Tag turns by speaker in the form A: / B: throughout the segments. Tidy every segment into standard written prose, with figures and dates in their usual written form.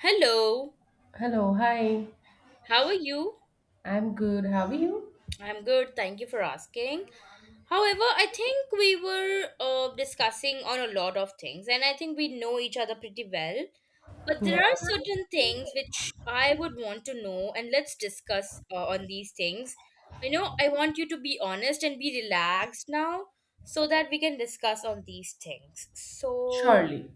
A: Hello,
B: Hello, hi.
A: how are you?
B: I'm good. How are you?
A: I'm good, thank you for asking. However, I think we were discussing on a lot of things, and I think we know each other pretty well. But there
B: Yeah,
A: are certain things which I would want to know, and let's discuss on these things. You know, I want you to be honest and be relaxed now so that we can discuss on these things. So,
B: surely.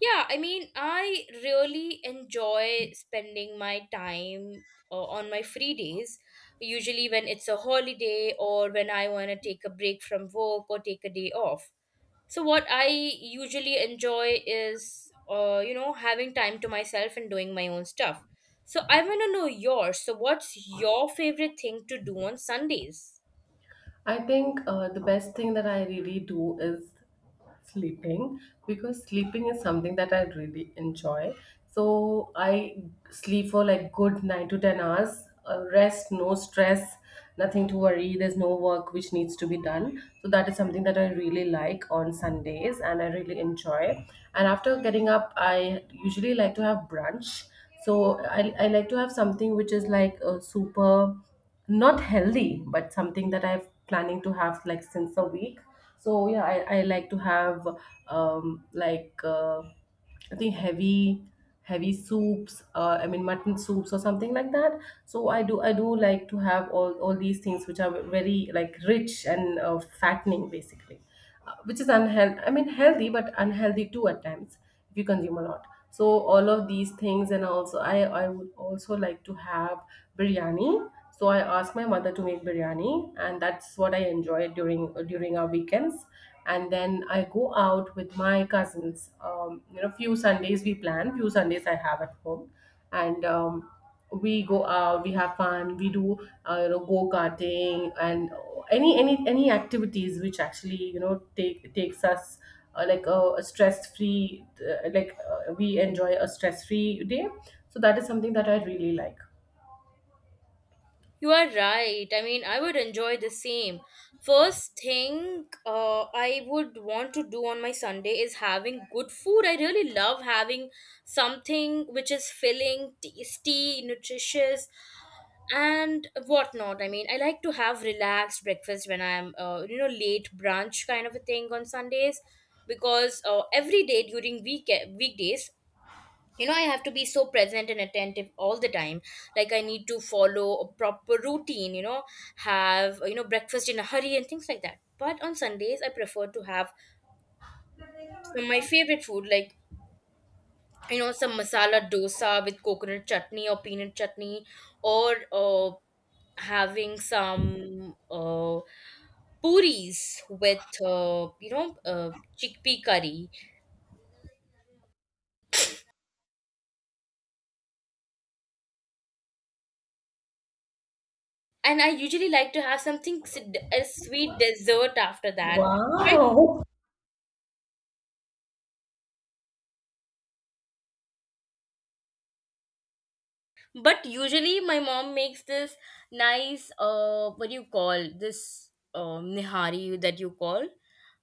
A: yeah, I mean, I really enjoy spending my time on my free days. Usually, when it's a holiday or when I want to take a break from work or take a day off. So, what I usually enjoy is, having time to myself and doing my own stuff. So, I want to know yours. So, what's your favorite thing to do on Sundays?
B: I think the best thing that I really do is sleeping, because sleeping is something that I really enjoy. So I sleep for like good 9 to 10 hours, rest, no stress, nothing to worry. There's no work which needs to be done. So that is something that I really like on Sundays and I really enjoy. And after getting up, I usually like to have brunch. So I like to have something which is like a super not healthy, but something that I'm planning to have like since a week. So yeah, I like to have um, like uh, I think heavy soups. I mean, mutton soups or something like that. So I do like to have all these things which are very like rich and fattening basically. Which is unhealthy, I mean healthy but unhealthy too at times if you consume a lot. So all of these things, and also I would also like to have biryani. So I ask my mother to make biryani, and that's what I enjoy during our weekends. And then I go out with my cousins. You know, few Sundays we plan, few Sundays I have at home. And we go out, we have fun, we do, you know, go karting and any activities which actually, you know, takes us like a stress free, we enjoy a stress free day. So that is something that I really like.
A: You are right. I mean, I would enjoy the same. First thing I would want to do on my Sunday is having good food. I really love having something which is filling, tasty, nutritious, and whatnot. I mean, I like to have relaxed breakfast when I'm, late brunch kind of a thing on Sundays, because every day during weekdays, I have to be so present and attentive all the time, like I need to follow a proper routine, have breakfast in a hurry and things like that. But on Sundays I prefer to have some of my favorite food, like some masala dosa with coconut chutney or peanut chutney, or having some puris with, uh, chickpea curry. And I usually like to have something a sweet dessert after that. I
B: Wow.
A: But usually my mom makes this nice, what do you call this, nihari that you call,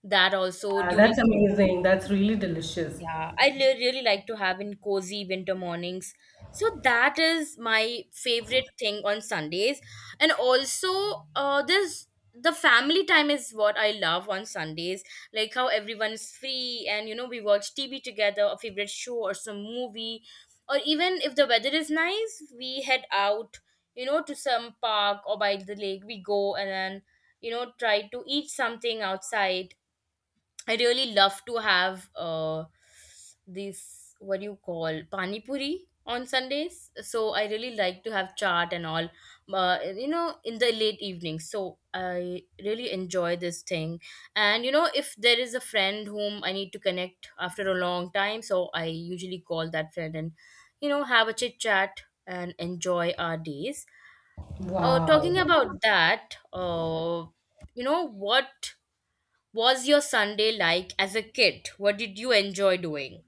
A: that also
B: Yeah,
A: during.
B: that's amazing, that's really delicious.
A: Yeah, really like to have in cozy winter mornings. So that is my favorite thing on Sundays. And also, this the family time is what I love on Sundays. Like how everyone's free, and we watch TV together, a favorite show or some movie, or even if the weather is nice, we head out, to some park or by the lake. We go and then try to eat something outside. I really love to have, this, what do you call, pani puri on Sundays. So I really like to have chaat and all, in the late evening. So I really enjoy this thing. And, if there is a friend whom I need to connect after a long time, so I usually call that friend and have a chit chat and enjoy our days.
B: Wow.
A: Talking about that, you know what? Was your Sunday like as a kid? What did you enjoy doing?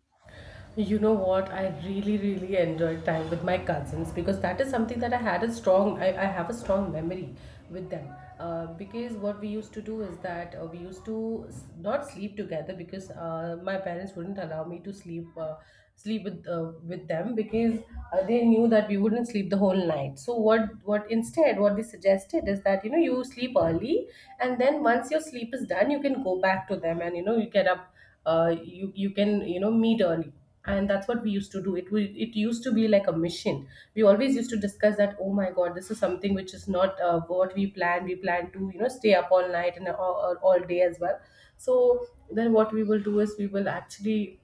B: You know what? I really, really enjoyed time with my cousins, because that is something that I had a strong, I have a strong memory with them. Because what we used to do is that we used to not sleep together, because my parents wouldn't allow me to sleep with them, because they knew that we wouldn't sleep the whole night. So what instead what they suggested is that, you know, you sleep early, and then once your sleep is done you can go back to them, and you know, you get up. You can, you know, meet early. And that's what we used to do it. It used to be like a mission. We always used to discuss that, oh my god, this is something which is not what we plan. We plan to, you know, stay up all night and all day as well. So then what we will do is we will actually,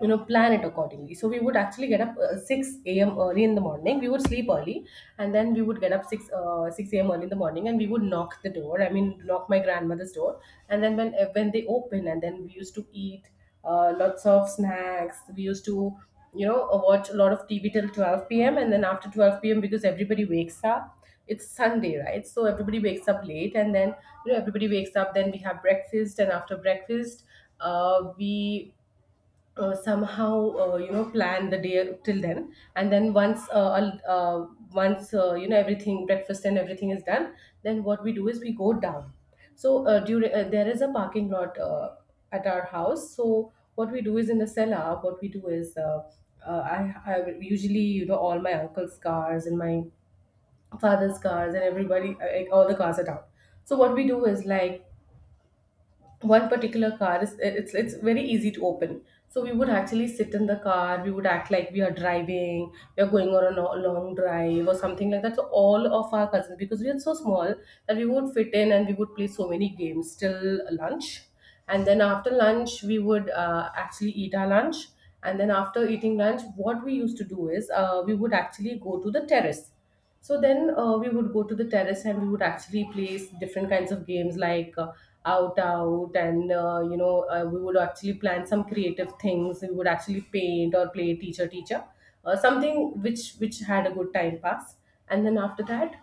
B: you know, plan it accordingly. So we would actually get up 6 a.m. early in the morning. We would sleep early and then we would get up 6 a.m. early in the morning, and we would knock the door, I mean knock my grandmother's door. And then when they open, and then we used to eat lots of snacks. We used to, you know, watch a lot of TV till 12 p.m., and then after 12 p.m., because everybody wakes up, it's Sunday right, so everybody wakes up late. And then, you know, everybody wakes up, then we have breakfast. And after breakfast, we somehow, you know, plan the day till then. And then once you know, everything, breakfast and everything is done, then what we do is we go down. So during there is a parking lot at our house. So what we do is in the cellar, what we do is, I usually, you know, all my uncle's cars and my father's cars, and everybody, like all the cars are down. So what we do is like, one particular car is, it's very easy to open. So we would actually sit in the car, we would act like we are driving, we are going on a long drive or something like that. So all of our cousins, because we are so small, that we would fit in, and we would play so many games till lunch. And then after lunch we would actually eat our lunch. And then after eating lunch, what we used to do is, we would actually go to the terrace. So then we would go to the terrace and we would actually play different kinds of games like, out out, and we would actually plan some creative things. We would actually paint or play teacher teacher, something which had a good time pass. And then after that,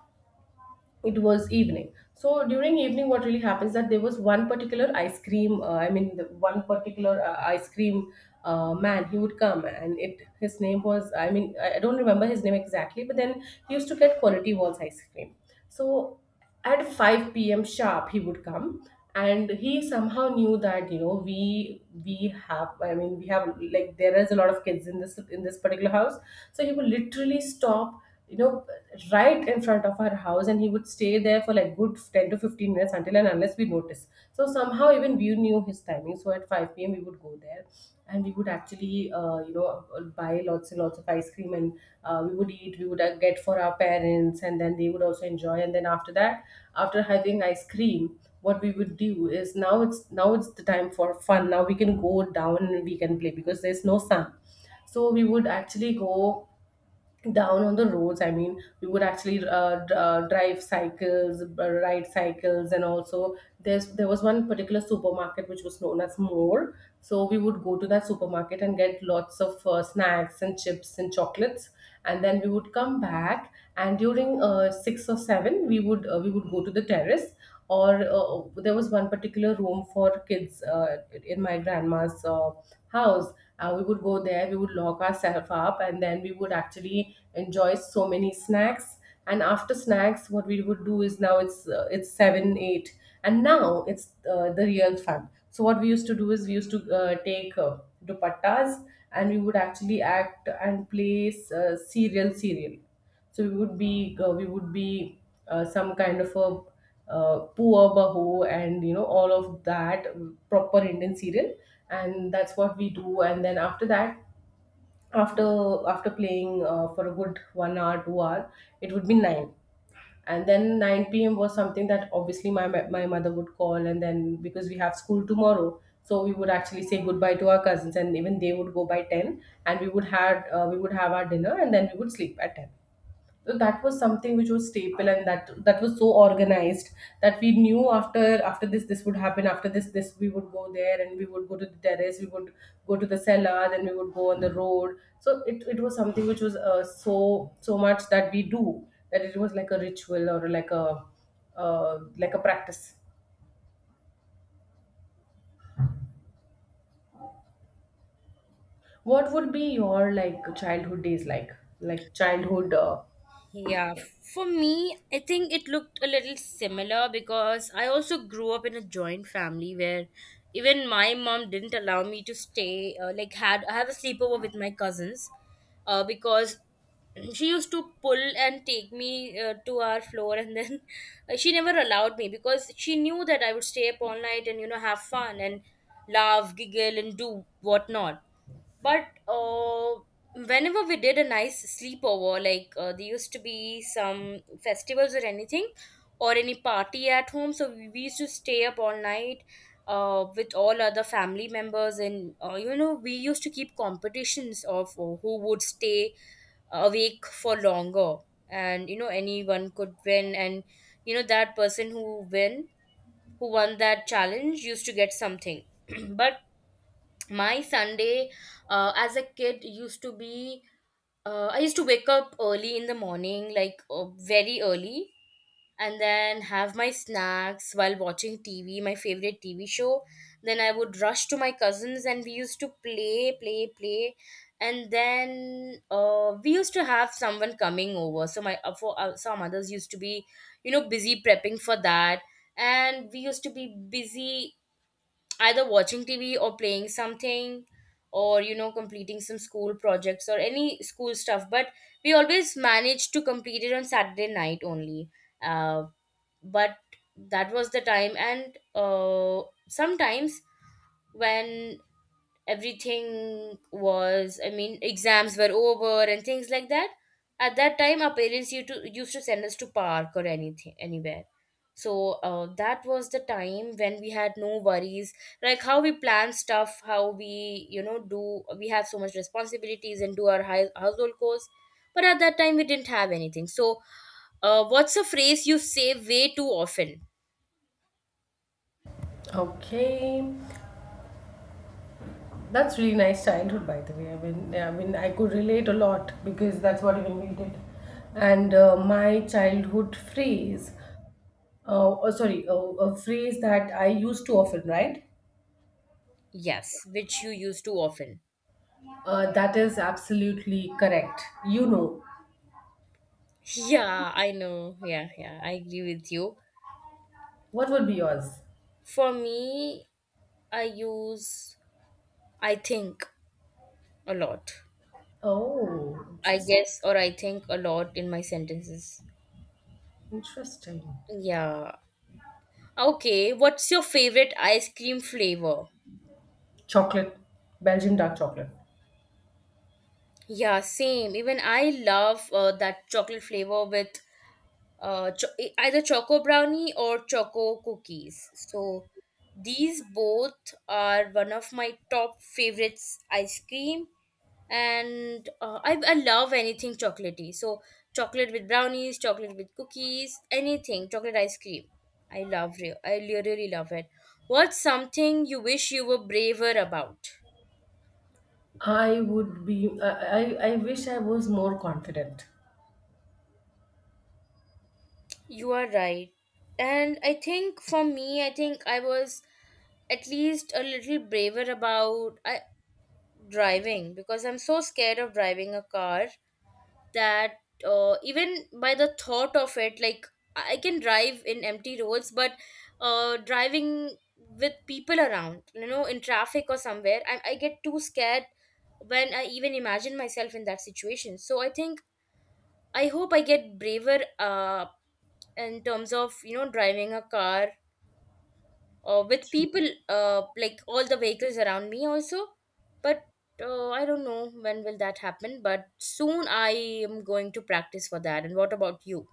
B: it was evening. So during evening what really happens, that there was one particular ice cream, I mean the one particular ice cream man, he would come. And it his name was, I mean I don't remember his name exactly, but then he used to get Quality Walls ice cream. So at 5 p.m. sharp he would come. And he somehow knew that, you know, we have, I mean we have, like there is a lot of kids in this particular house. So he would literally stop, you know, right in front of our house, and he would stay there for like good 10 to 15 minutes, until and unless we notice. So somehow even we knew his timing, so at 5 p.m. we would go there. And we would actually, buy lots and lots of ice cream. And we would eat, we would get for our parents, and then they would also enjoy. And then after that, after having ice cream, what we would do is, now it's the time for fun. Now we can go down and we can play because there's no sun. So we would actually go down on the roads, I mean we would actually d- drive cycles ride cycles. And also, there was one particular supermarket which was known as More. So we would go to that supermarket and get lots of snacks and chips and chocolates. And then we would come back, and during 6 or 7, we would go to the terrace, or there was one particular room for kids in my grandma's house. We would go there, we would lock ourselves up, and then we would actually enjoy so many snacks. And after snacks, what we would do is, now it's seven, eight, and now it's the real fun. So what we used to do is, we used to take dupattas, and we would actually act and play serial serial. So we would be uh, we would be some kind of a poor bahu, and you know all of that. Mm, proper Indian serial. And that's what we do. And then after that, after after playing for a good 1 hour 2 hour, it would be nine. And then 9 p.m. was something that obviously my mother would call. And then, because we have school tomorrow, so we would actually say goodbye to our cousins, and even they would go by 10. And we would have our dinner, and then we would sleep at 10. So that was something which was staple, and that was so organized, that we knew after, after this would happen, after this we would go there, and we would go to the terrace, we would go to the cellar, then we would go on the road. So it was something which was so so much that we do, that it was like a ritual, or like a practice. What would be your like childhood days, like childhood
A: Yeah, for me, I think it looked a little similar because I also grew up in a joint family where even my mom didn't allow me to stay. Like, had I have a sleepover with my cousins, because she used to pull and take me, to our floor, and then she never allowed me because she knew that I would stay up all night and have fun and laugh, giggle, and do whatnot. But whenever we did a nice sleepover, like there used to be some festivals or anything, or any party at home, so we used to stay up all night, with all other family members, and we used to keep competitions of, who would stay awake for longer, and anyone could win, and that person who won that challenge used to get something. But my Sunday, as a kid used to be, I used to wake up early in the morning, like very early, and then have my snacks while watching TV, my favorite TV show. Then I would rush to my cousins and we used to play, play, play. And then we used to have someone coming over, so my for some others used to be busy prepping for that, and we used to be busy either watching TV or playing something, or completing some school projects or any school stuff. But we always managed to complete it on Saturday night only. uh, but that was the time, and sometimes when everything was, I mean, exams were over and things like that. At that time our parents used to send us to park or anything anywhere. So that was the time when we had no worries, like how we plan stuff, how we, do we have so much responsibilities and do our household chores. But at that time we didn't have anything. So what's a phrase you say way too often?
B: okay. That's really nice childhood, by the way. I mean, yeah, I mean, I could relate a lot because that's what even we did. And my childhood phrase, oh sorry, a phrase that I used to often, right?
A: Yes, which you use too often.
B: That is absolutely correct. You know,
A: Yeah, I know. Yeah, yeah, I agree with you.
B: what would be yours?
A: For me, I use I think a lot.
B: Oh,
A: I guess, or I think a lot in my sentences.
B: interesting.
A: Yeah. Okay, what's your favorite ice cream flavor?
B: Chocolate, Belgian dark chocolate.
A: Yeah, same. Even I love, that chocolate flavor with, either choco brownie or choco cookies. So these both are one of my top favorites ice cream. And I love anything chocolatey. So chocolate with brownies, chocolate with cookies, anything chocolate ice cream, I really love it. What's something you wish you were braver about?
B: I would be. I wish I was more confident.
A: You are right. And I think for me, I think I was at least a little braver about, driving, because I'm so scared of driving a car that, even by the thought of it, like, I can drive in empty roads, but driving with people around, in traffic or somewhere, I get too scared when I even imagine myself in that situation. So I hope I get braver, in terms of driving a car, with people, like all the vehicles around me also. But I don't know when will that happen, but soon I am going to practice for that. And what about you?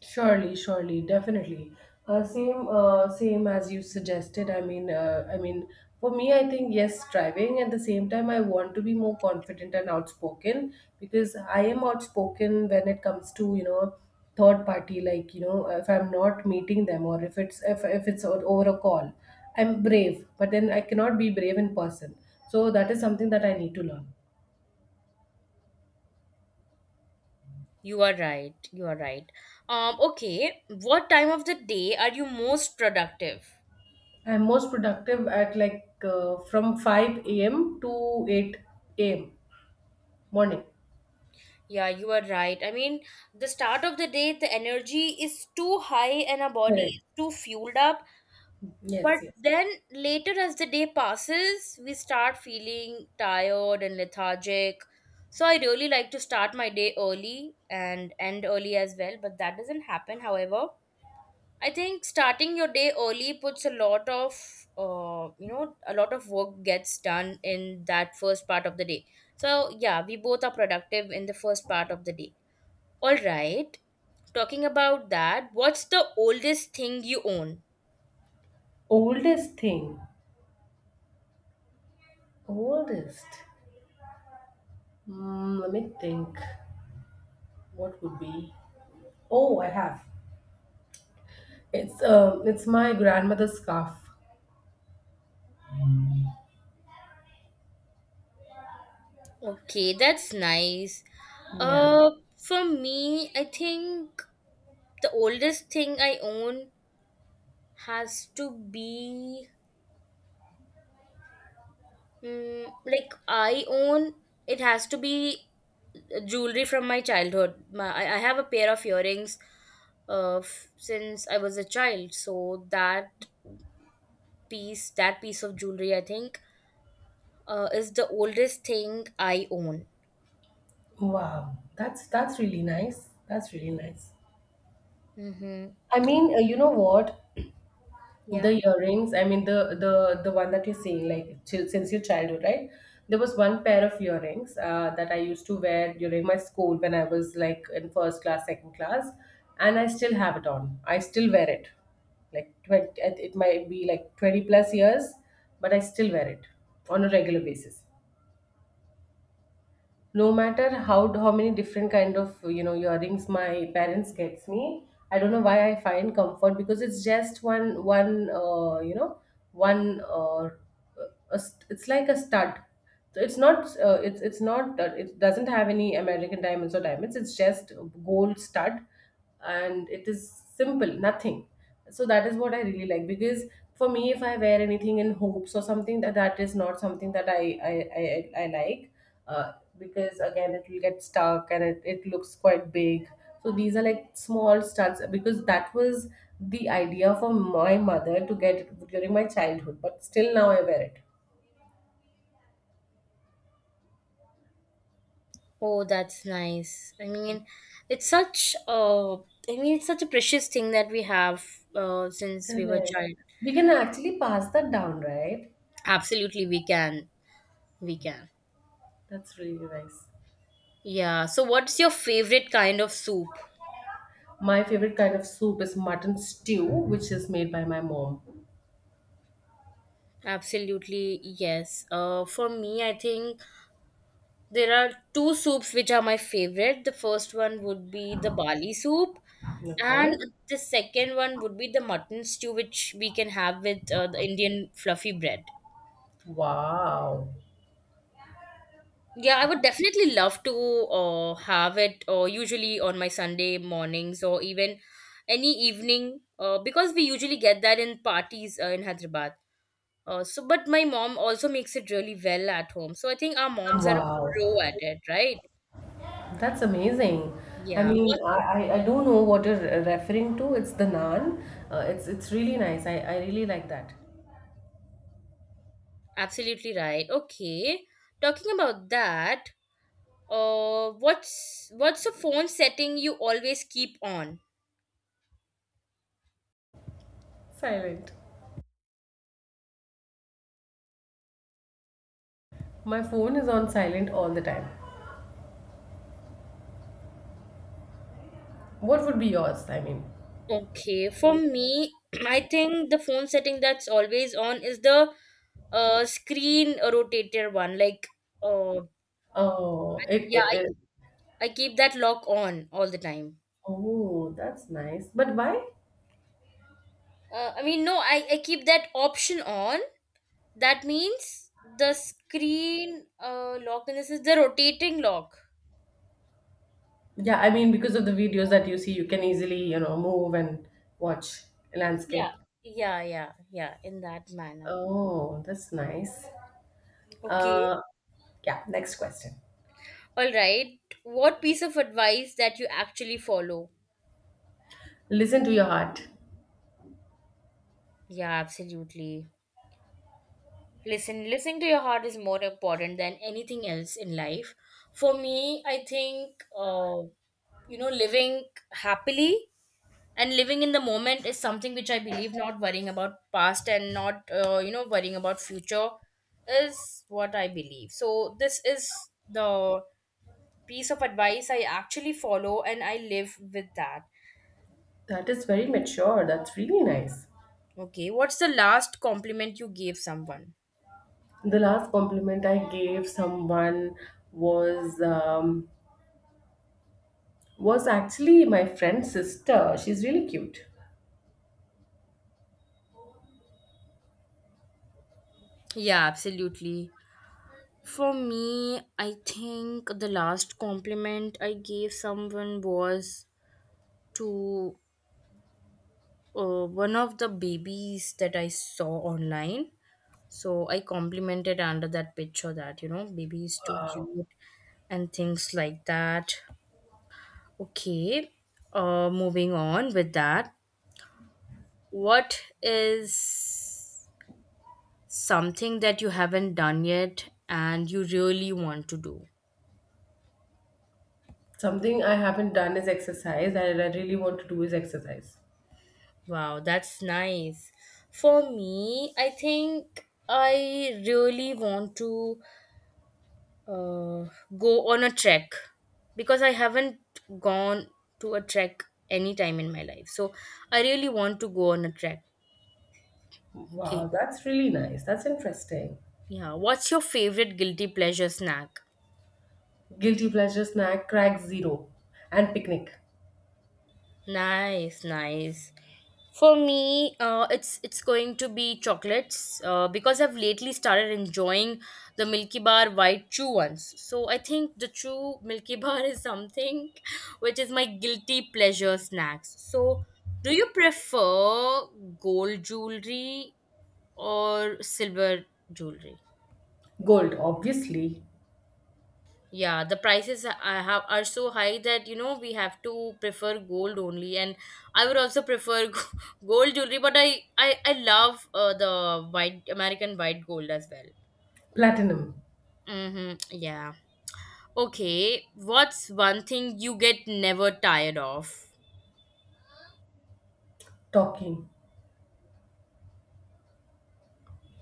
B: Surely, surely, definitely. Same, same as you suggested. I mean, for me, I think yes, striving. At the same time, I want to be more confident and outspoken, because I am outspoken when it comes to, you know, third party. Like you know, if I'm not meeting them, or if it's over a call, I'm brave. But then I cannot be brave in person. So that is something that I need to learn.
A: You are right, you are right. Okay, what time of the day are you most productive?
B: I'm most productive at like from five a.m. to eight a.m. Morning.
A: Yeah, you are right. I mean, the start of the day, the energy is too high and our body
B: Correct.
A: is too fueled up. But
B: Yes, yes.
A: then later, as the day passes, we start feeling tired and lethargic. So I really like to start my day early and end early as well, but that doesn't happen. However, I think starting your day early puts a lot of work gets done in that first part of the day. So yeah, we both are productive in the first part of the day. All right. Talking about that, what's the oldest thing you own?
B: Oldest thing. Oldest. Mm, let me think. What would be? Oh, I have. It's my grandmother's scarf.
A: Okay, that's nice.
B: Yeah.
A: Uh, for me, I think the oldest thing I own has to be, like I own, it has to be jewelry from my childhood. I have a pair of earrings, since I was a child, so that piece, of jewelry, I think, is the oldest thing I own.
B: Wow. That's really nice. That's really nice.
A: Mm-hmm.
B: I mean, you know what?
A: Yeah.
B: The earrings, I mean the one that you're saying, like till, since your childhood, right? There was one pair of earrings that I used to wear during my school when I was like in first class, second class, and I still have it on. I still wear it. Like 20, it might be like 20 plus years, but I still wear it on a regular basis no matter how many different kind of you know earrings my parents gets me. I don't know why I find comfort because it's just one one you know one a, st- it's like a stud. So it's not it's not it doesn't have any American diamonds or diamonds. It's just gold stud, and it is simple, nothing. So that is what I really like because for me, if I wear anything in hopes or something that, that is not something that i I like uh, because again it will get stuck and it looks quite big. So these are like small studs because that was the idea for my mother to get during my childhood, but still now I wear it.
A: Oh, that's nice. I mean, it's such a, I mean, it's such a precious thing that we have, since we were
B: Correct.
A: child.
B: We can actually pass that down, right?
A: Absolutely, we can. We can.
B: That's really nice.
A: Yeah. So, what's your favorite kind of soup?
B: My favorite kind of soup is mutton stew, which is made by my mom.
A: Absolutely, yes. For me, I think there are two soups which are my favorite. The first one would be the barley soup,
B: Okay.
A: and the second one would be the mutton stew, which we can have with, the Indian fluffy bread.
B: Wow.
A: Yeah, I would definitely love to, have it, usually on my Sunday mornings or even any evening, because we usually get that in parties, in Hyderabad. So, but my mom also makes it really well at home. So I think our moms are
B: Wow.
A: pro at it, right?
B: That's amazing. I
A: Yeah,
B: mean,
A: what?
B: I don't know what you're referring to. It's the naan. It's really nice. I really like that.
A: Absolutely right. Okay, talking about that, what's the phone setting you always keep on?
B: Silent. My phone is on silent all the time. What would be yours? I mean,
A: Okay, for me, I think the phone setting that's always on is the, screen rotator one. Like, uh,
B: oh,
A: yeah,
B: it.
A: I keep that lock on all the time.
B: Oh, that's nice. But why?
A: I mean, no, I keep that option on. That means the screen, lock, and this is the rotating lock.
B: Yeah, I mean, because of the videos that you see, you can easily, you know, move and watch
A: Yeah.
B: landscape.
A: Yeah, yeah, yeah, in that manner.
B: Oh, that's nice.
A: Okay.
B: Uh, yeah, next question.
A: All right. What piece of advice that you actually follow?
B: Listen to your heart.
A: Yeah, absolutely. Listening to your heart is more important than anything else in life. For me, I think, living happily and living in the moment is something which I believe. Not worrying about past and not worrying about future is what I believe. So, this is the piece of advice I actually follow and I live with that.
B: That is very mature. That's really nice.
A: Okay, what's the last compliment you gave someone?
B: The last compliment I gave someone was um, was actually my friend's sister. She's really cute.
A: Yeah, absolutely. For me, I think the last compliment I gave someone was to one of the babies that I saw online. So I complimented under that picture that, baby is too cute and things like that. Okay, moving on with that. What is something that you haven't done yet and you really want to do?
B: Something I haven't done is exercise. I really want to do is exercise.
A: Wow, that's nice. For me, I think I really want to uh, go on a trek because I haven't gone to a trek any time in my life. So I really want to go on a trek.
B: Wow,
A: Okay.
B: that's really nice. That's interesting.
A: Yeah. What's your favorite guilty pleasure snack?
B: Guilty pleasure snack crack zero and picnic.
A: Nice, nice. For me, it's going to be chocolates because I've lately started enjoying the Milky Bar white chew ones. So I think the chew Milky Bar is something which is my guilty pleasure snacks. So do you prefer gold jewelry or silver jewelry?
B: Gold, obviously.
A: Yeah, the I have are so high that you know we have to prefer gold only, and I would also prefer gold jewelry. But I love the white American white gold as well.
B: Platinum.
A: Mm-hmm. Yeah. Okay. What's one thing you get never tired of?
B: Talking.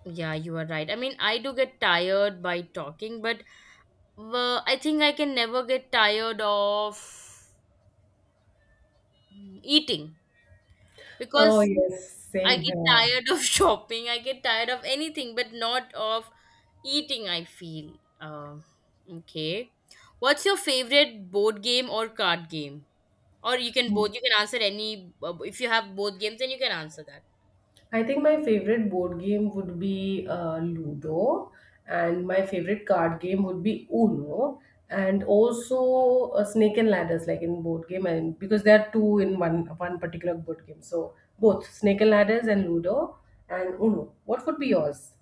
A: Yeah, you are right. I mean, I do get tired by talking, but I think I can never get tired of eating,
B: Oh,
A: because
B: yes,
A: I
B: same
A: get
B: here.
A: tired of shopping. I get tired of anything, but not of eating, I feel. Okay. What's your favorite board game or card game? Or you can
B: Mm.
A: both. You can answer any. If you have both games, then you can answer that.
B: I think my favorite board game would be Ludo, and my favorite card game would be Uno, and also Snake and Ladders, like in board game, and because there are two in one particular board game. So both Snake and Ladders and Ludo and Uno. What would be yours?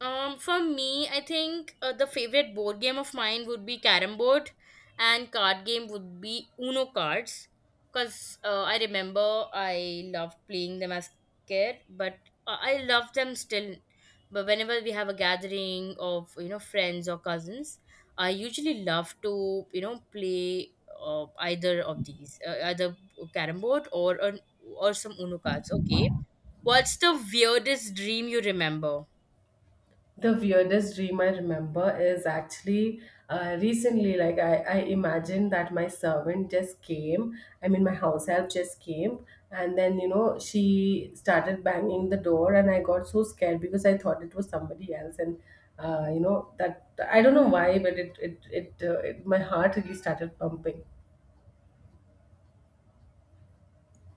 A: For me, I think the favorite board game of mine would be carom board, and card game would be Uno cards. Cause I remember I loved playing them as kid, but I love them still. But whenever we have a gathering of you know friends or cousins, I usually love to you know play either carom board or some Uno cards. Okay, what's the weirdest dream you remember?
B: The weirdest dream I remember is actually recently. Like I imagined that my servant just came. I mean, my house help just came, and then you know she started banging the door, and I got so scared because I thought it was somebody else, and you know that I don't know why, but it my heart really started pumping.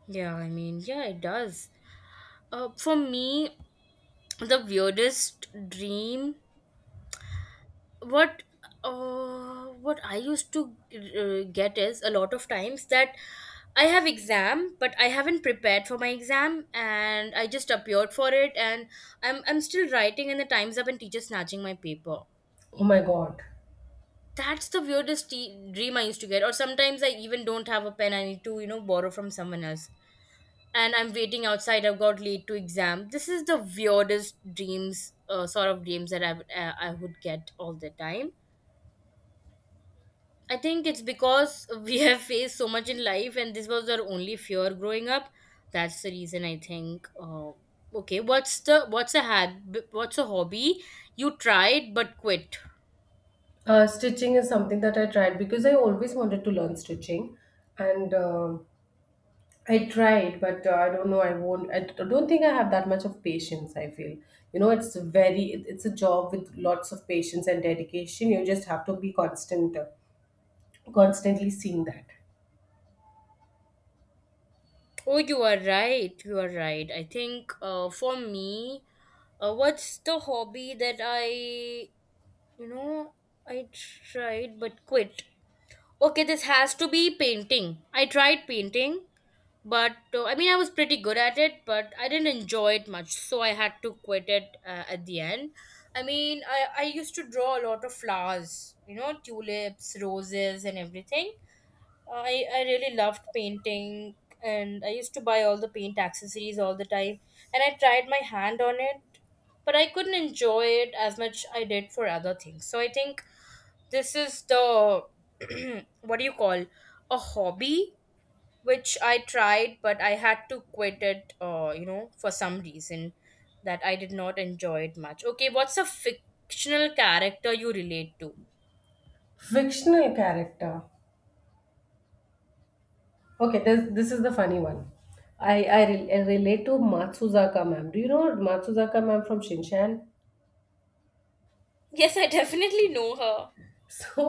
A: Yeah, I mean, yeah, it does. For me, the weirdest dream, what what I used to get is a lot of times that I have exam, but I haven't prepared for my exam, and I just appeared for it, and I'm still writing, and the time's up, and teacher snatching my paper.
B: Oh my god.
A: That's the dream I used to get. Or sometimes I even don't have a pen; I need to you know borrow from someone else and I'm waiting outside. I've got late to exam. This is the sort of dreams that I would get all the time. I think it's because we have faced so much in life, and this was our only fear growing up. That's the reason I think. Okay, what's the what's a hab what's a hobby you tried but quit?
B: Stitching is something that I tried because I always wanted to learn stitching, and I tried, but I don't know. I won't. I don't think I have that much of patience. I feel, you know, it's a It's a job with lots of patience and dedication. You just have to be constant, constantly seeing that.
A: Oh, you are right. You are right. I think for me, what's the hobby that I You know, I tried but quit. Okay, this has to be painting. I tried painting, but I mean, I was pretty good at it, but I didn't enjoy it much, so I had to quit it at the end. I mean, I used to draw a lot of flowers, you know, tulips, roses, and everything. I really loved painting, and I used to buy all the paint accessories all the time, and I tried my hand on it, but I couldn't enjoy it as much I did for other things. So I think this is the what do you call a hobby which I tried but I had to quit it, you know, for some reason that I did not enjoy it much. Okay, what's a fictional character you relate to?
B: Fictional character. Okay, this is the funny one. I relate to Matsuzaka ma'am. Do you know Matsuzaka ma'am from Shinshan?
A: Yes, I definitely know her.
B: So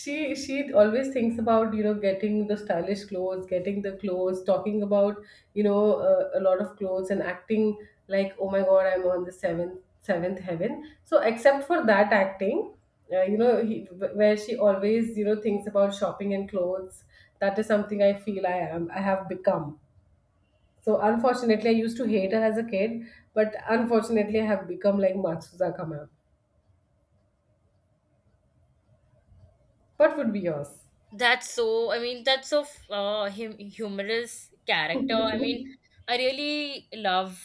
B: she always thinks about you know getting the stylish clothes, getting the clothes, talking about, you know, a lot of clothes and acting like, oh my god, I'm on the seventh heaven. So except for that acting, you know, where she always you know thinks about shopping and clothes, that is something I feel I have become. So unfortunately I used to hate her as a kid, but unfortunately I have become like Matsuzaka ma'am. What would be yours?
A: That's so, I mean, that's so humorous character. I mean, I really loved,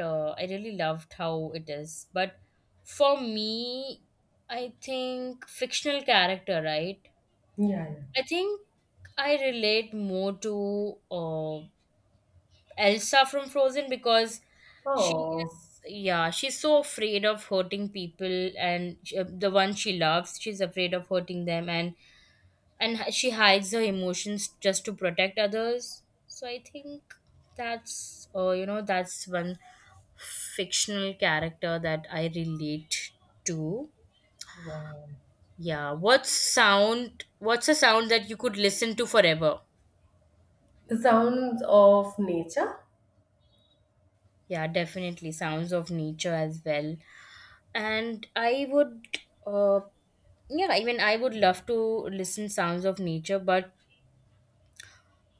A: I really loved how it is. But for me, I think fictional character, right?
B: yeah.
A: I think I relate more to Elsa from Frozen because she
B: Oh,
A: is, yeah, she's so afraid of hurting people, and the one she loves, she's afraid of hurting them, and she hides her emotions just to protect others. So I think that's that's one fictional character that I relate to.
B: wow.
A: Yeah, what's a sound that you could listen to forever?
B: The sounds of nature?
A: Yeah, definitely sounds of nature as well. And I would uh yeah, I mean, I would love to listen sounds of nature, but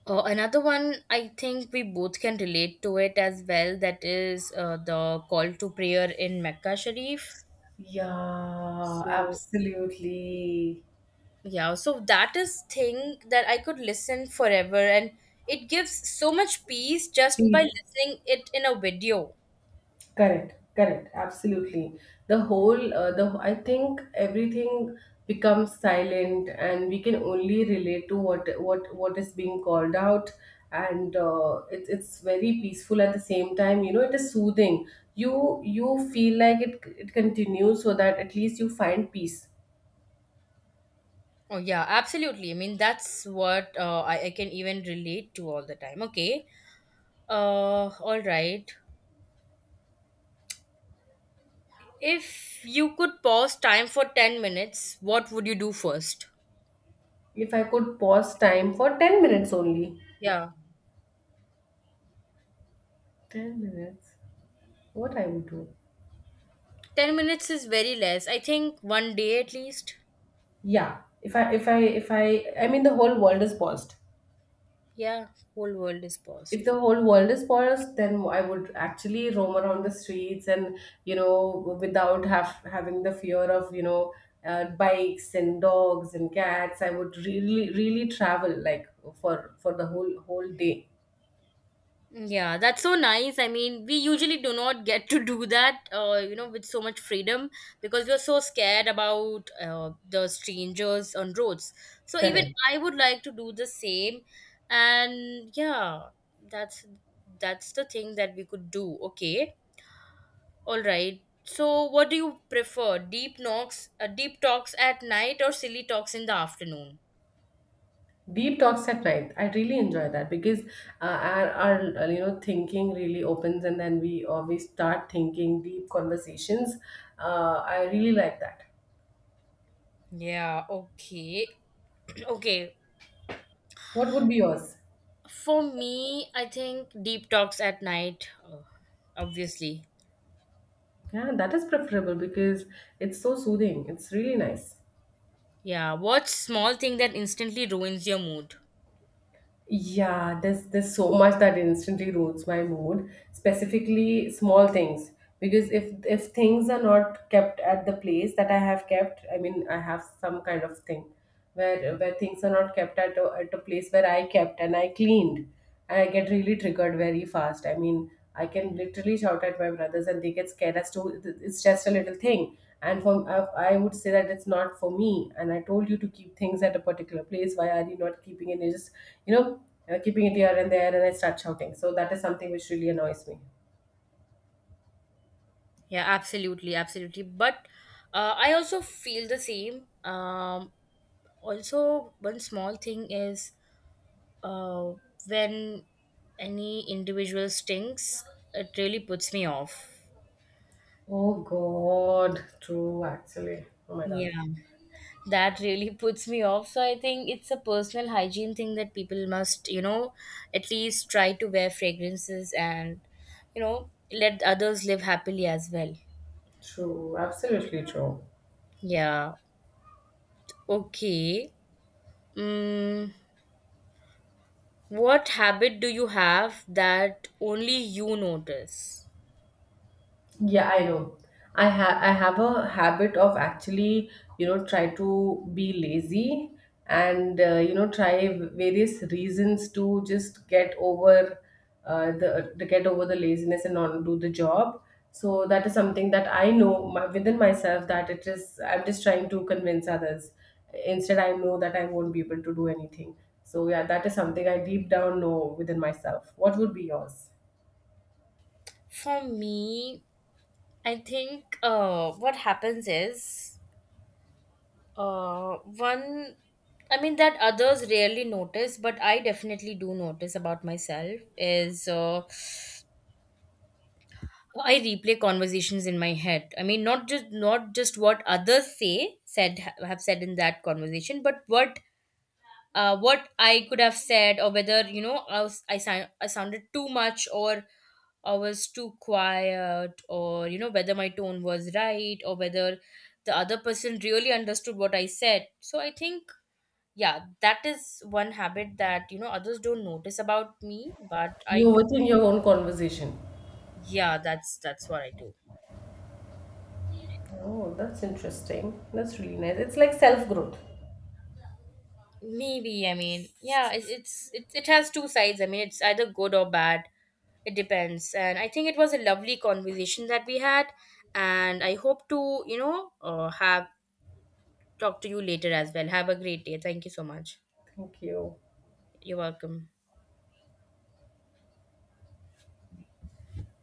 A: Another one I think we both can relate to it as well. That is the call to prayer in Mecca Sharif.
B: Yeah,
A: So
B: absolutely.
A: yeah, so that is thing that I could listen forever, and it gives so much peace just by
B: Peace.
A: listening it in a video.
B: Correct, correct, absolutely. The whole, the I think everything becomes silent, and we can only relate to what is being called out, and it, it's very peaceful at the same time. You know, it is soothing. You feel like it continues, so that at least you find peace.
A: Oh yeah, absolutely. I mean that's what I can even relate to all the time. Okay. All right. If you could pause time for 10 minutes, what would you do first?
B: If I could pause time for 10 minutes only.
A: Yeah.
B: 10 minutes. What I would do?
A: 10 minutes is very less. I think one day at least.
B: Yeah. If I mean the whole world is paused.
A: Yeah, whole world is
B: If
A: paused.
B: the whole world is paused, then I would actually roam around the streets and, you know, without have having the fear of, you know, bikes and dogs and cats. I would really travel like for the whole day.
A: Yeah, that's so nice. I mean, we usually do not get to do that, you know, with so much freedom because we're so scared about the strangers on roads. So even
B: Correct.
A: I would like to do the same, and yeah, that's that's the thing that we could do. Okay, all right. So, what do you prefer, deep talks at night, or silly talks in the afternoon?
B: Deep talks at night. I really enjoy that because our you know thinking really opens, and then we always start thinking deep conversations. I really like that.
A: Yeah, okay. Okay.
B: What would be yours?
A: For me, I think deep talks at night, obviously.
B: Yeah, that is preferable because it's so soothing. It's really nice.
A: Yeah, what small thing that instantly ruins your mood?
B: Yeah, there's so much that instantly ruins my mood, specifically small things. Because if things are not kept at the place that I have kept, I mean, I have some kind of thing where things are not kept at at a place where I kept and I cleaned. And I get really triggered very fast. I mean, I can literally shout at my brothers and they get scared as to it's just a little thing. And for I would say that it's not for me. And I told you to keep things at a particular place. Why are you not keeping it? You just, you know, keeping it here and there, and I start shouting. So that is something which really annoys me.
A: Yeah, absolutely, absolutely. But I also feel the same. Also, one small thing is uh, when any individual stinks, it really puts me off.
B: Oh God, true actually. Oh my God,
A: Yeah, that really puts me off. So I think it's a personal hygiene thing that people must, you know, at least try to wear fragrances and you know let others live happily as well.
B: true, absolutely true.
A: Yeah. Okay. mm, what habit do you have that only you notice?
B: Yeah, I know. I have a habit of actually, you know, try to be lazy and, you know, try various reasons to just get over the to get over the laziness and not do the job. So that is something that I know my, within myself that it is. I'm just trying to convince others. Instead, I know that I won't be able to do anything. So yeah, that is something I deep down know within myself. What would be yours?
A: For me, I think what happens is one, I mean, that others rarely notice, but I definitely do notice about myself is I replay conversations in my head. I mean, not just what others say said have said in that conversation, but what I could have said, or whether you know I sounded too much, or I was too quiet, or you know whether my tone was right, or whether the other person really understood what I said. So I think yeah, that is one habit that, you know, others don't notice about me, but I
B: You're
A: do.
B: within your own conversation.
A: Yeah, that's what I do.
B: Oh, that's interesting. That's really nice. It's like self growth.
A: Maybe, I mean, yeah, it has two sides. I mean, it's either good or bad. It depends. And I think it was a lovely conversation that we had, and I hope to, you know, have talk to you later as well. Have a great day. Thank you so much.
B: Thank you.
A: You're welcome.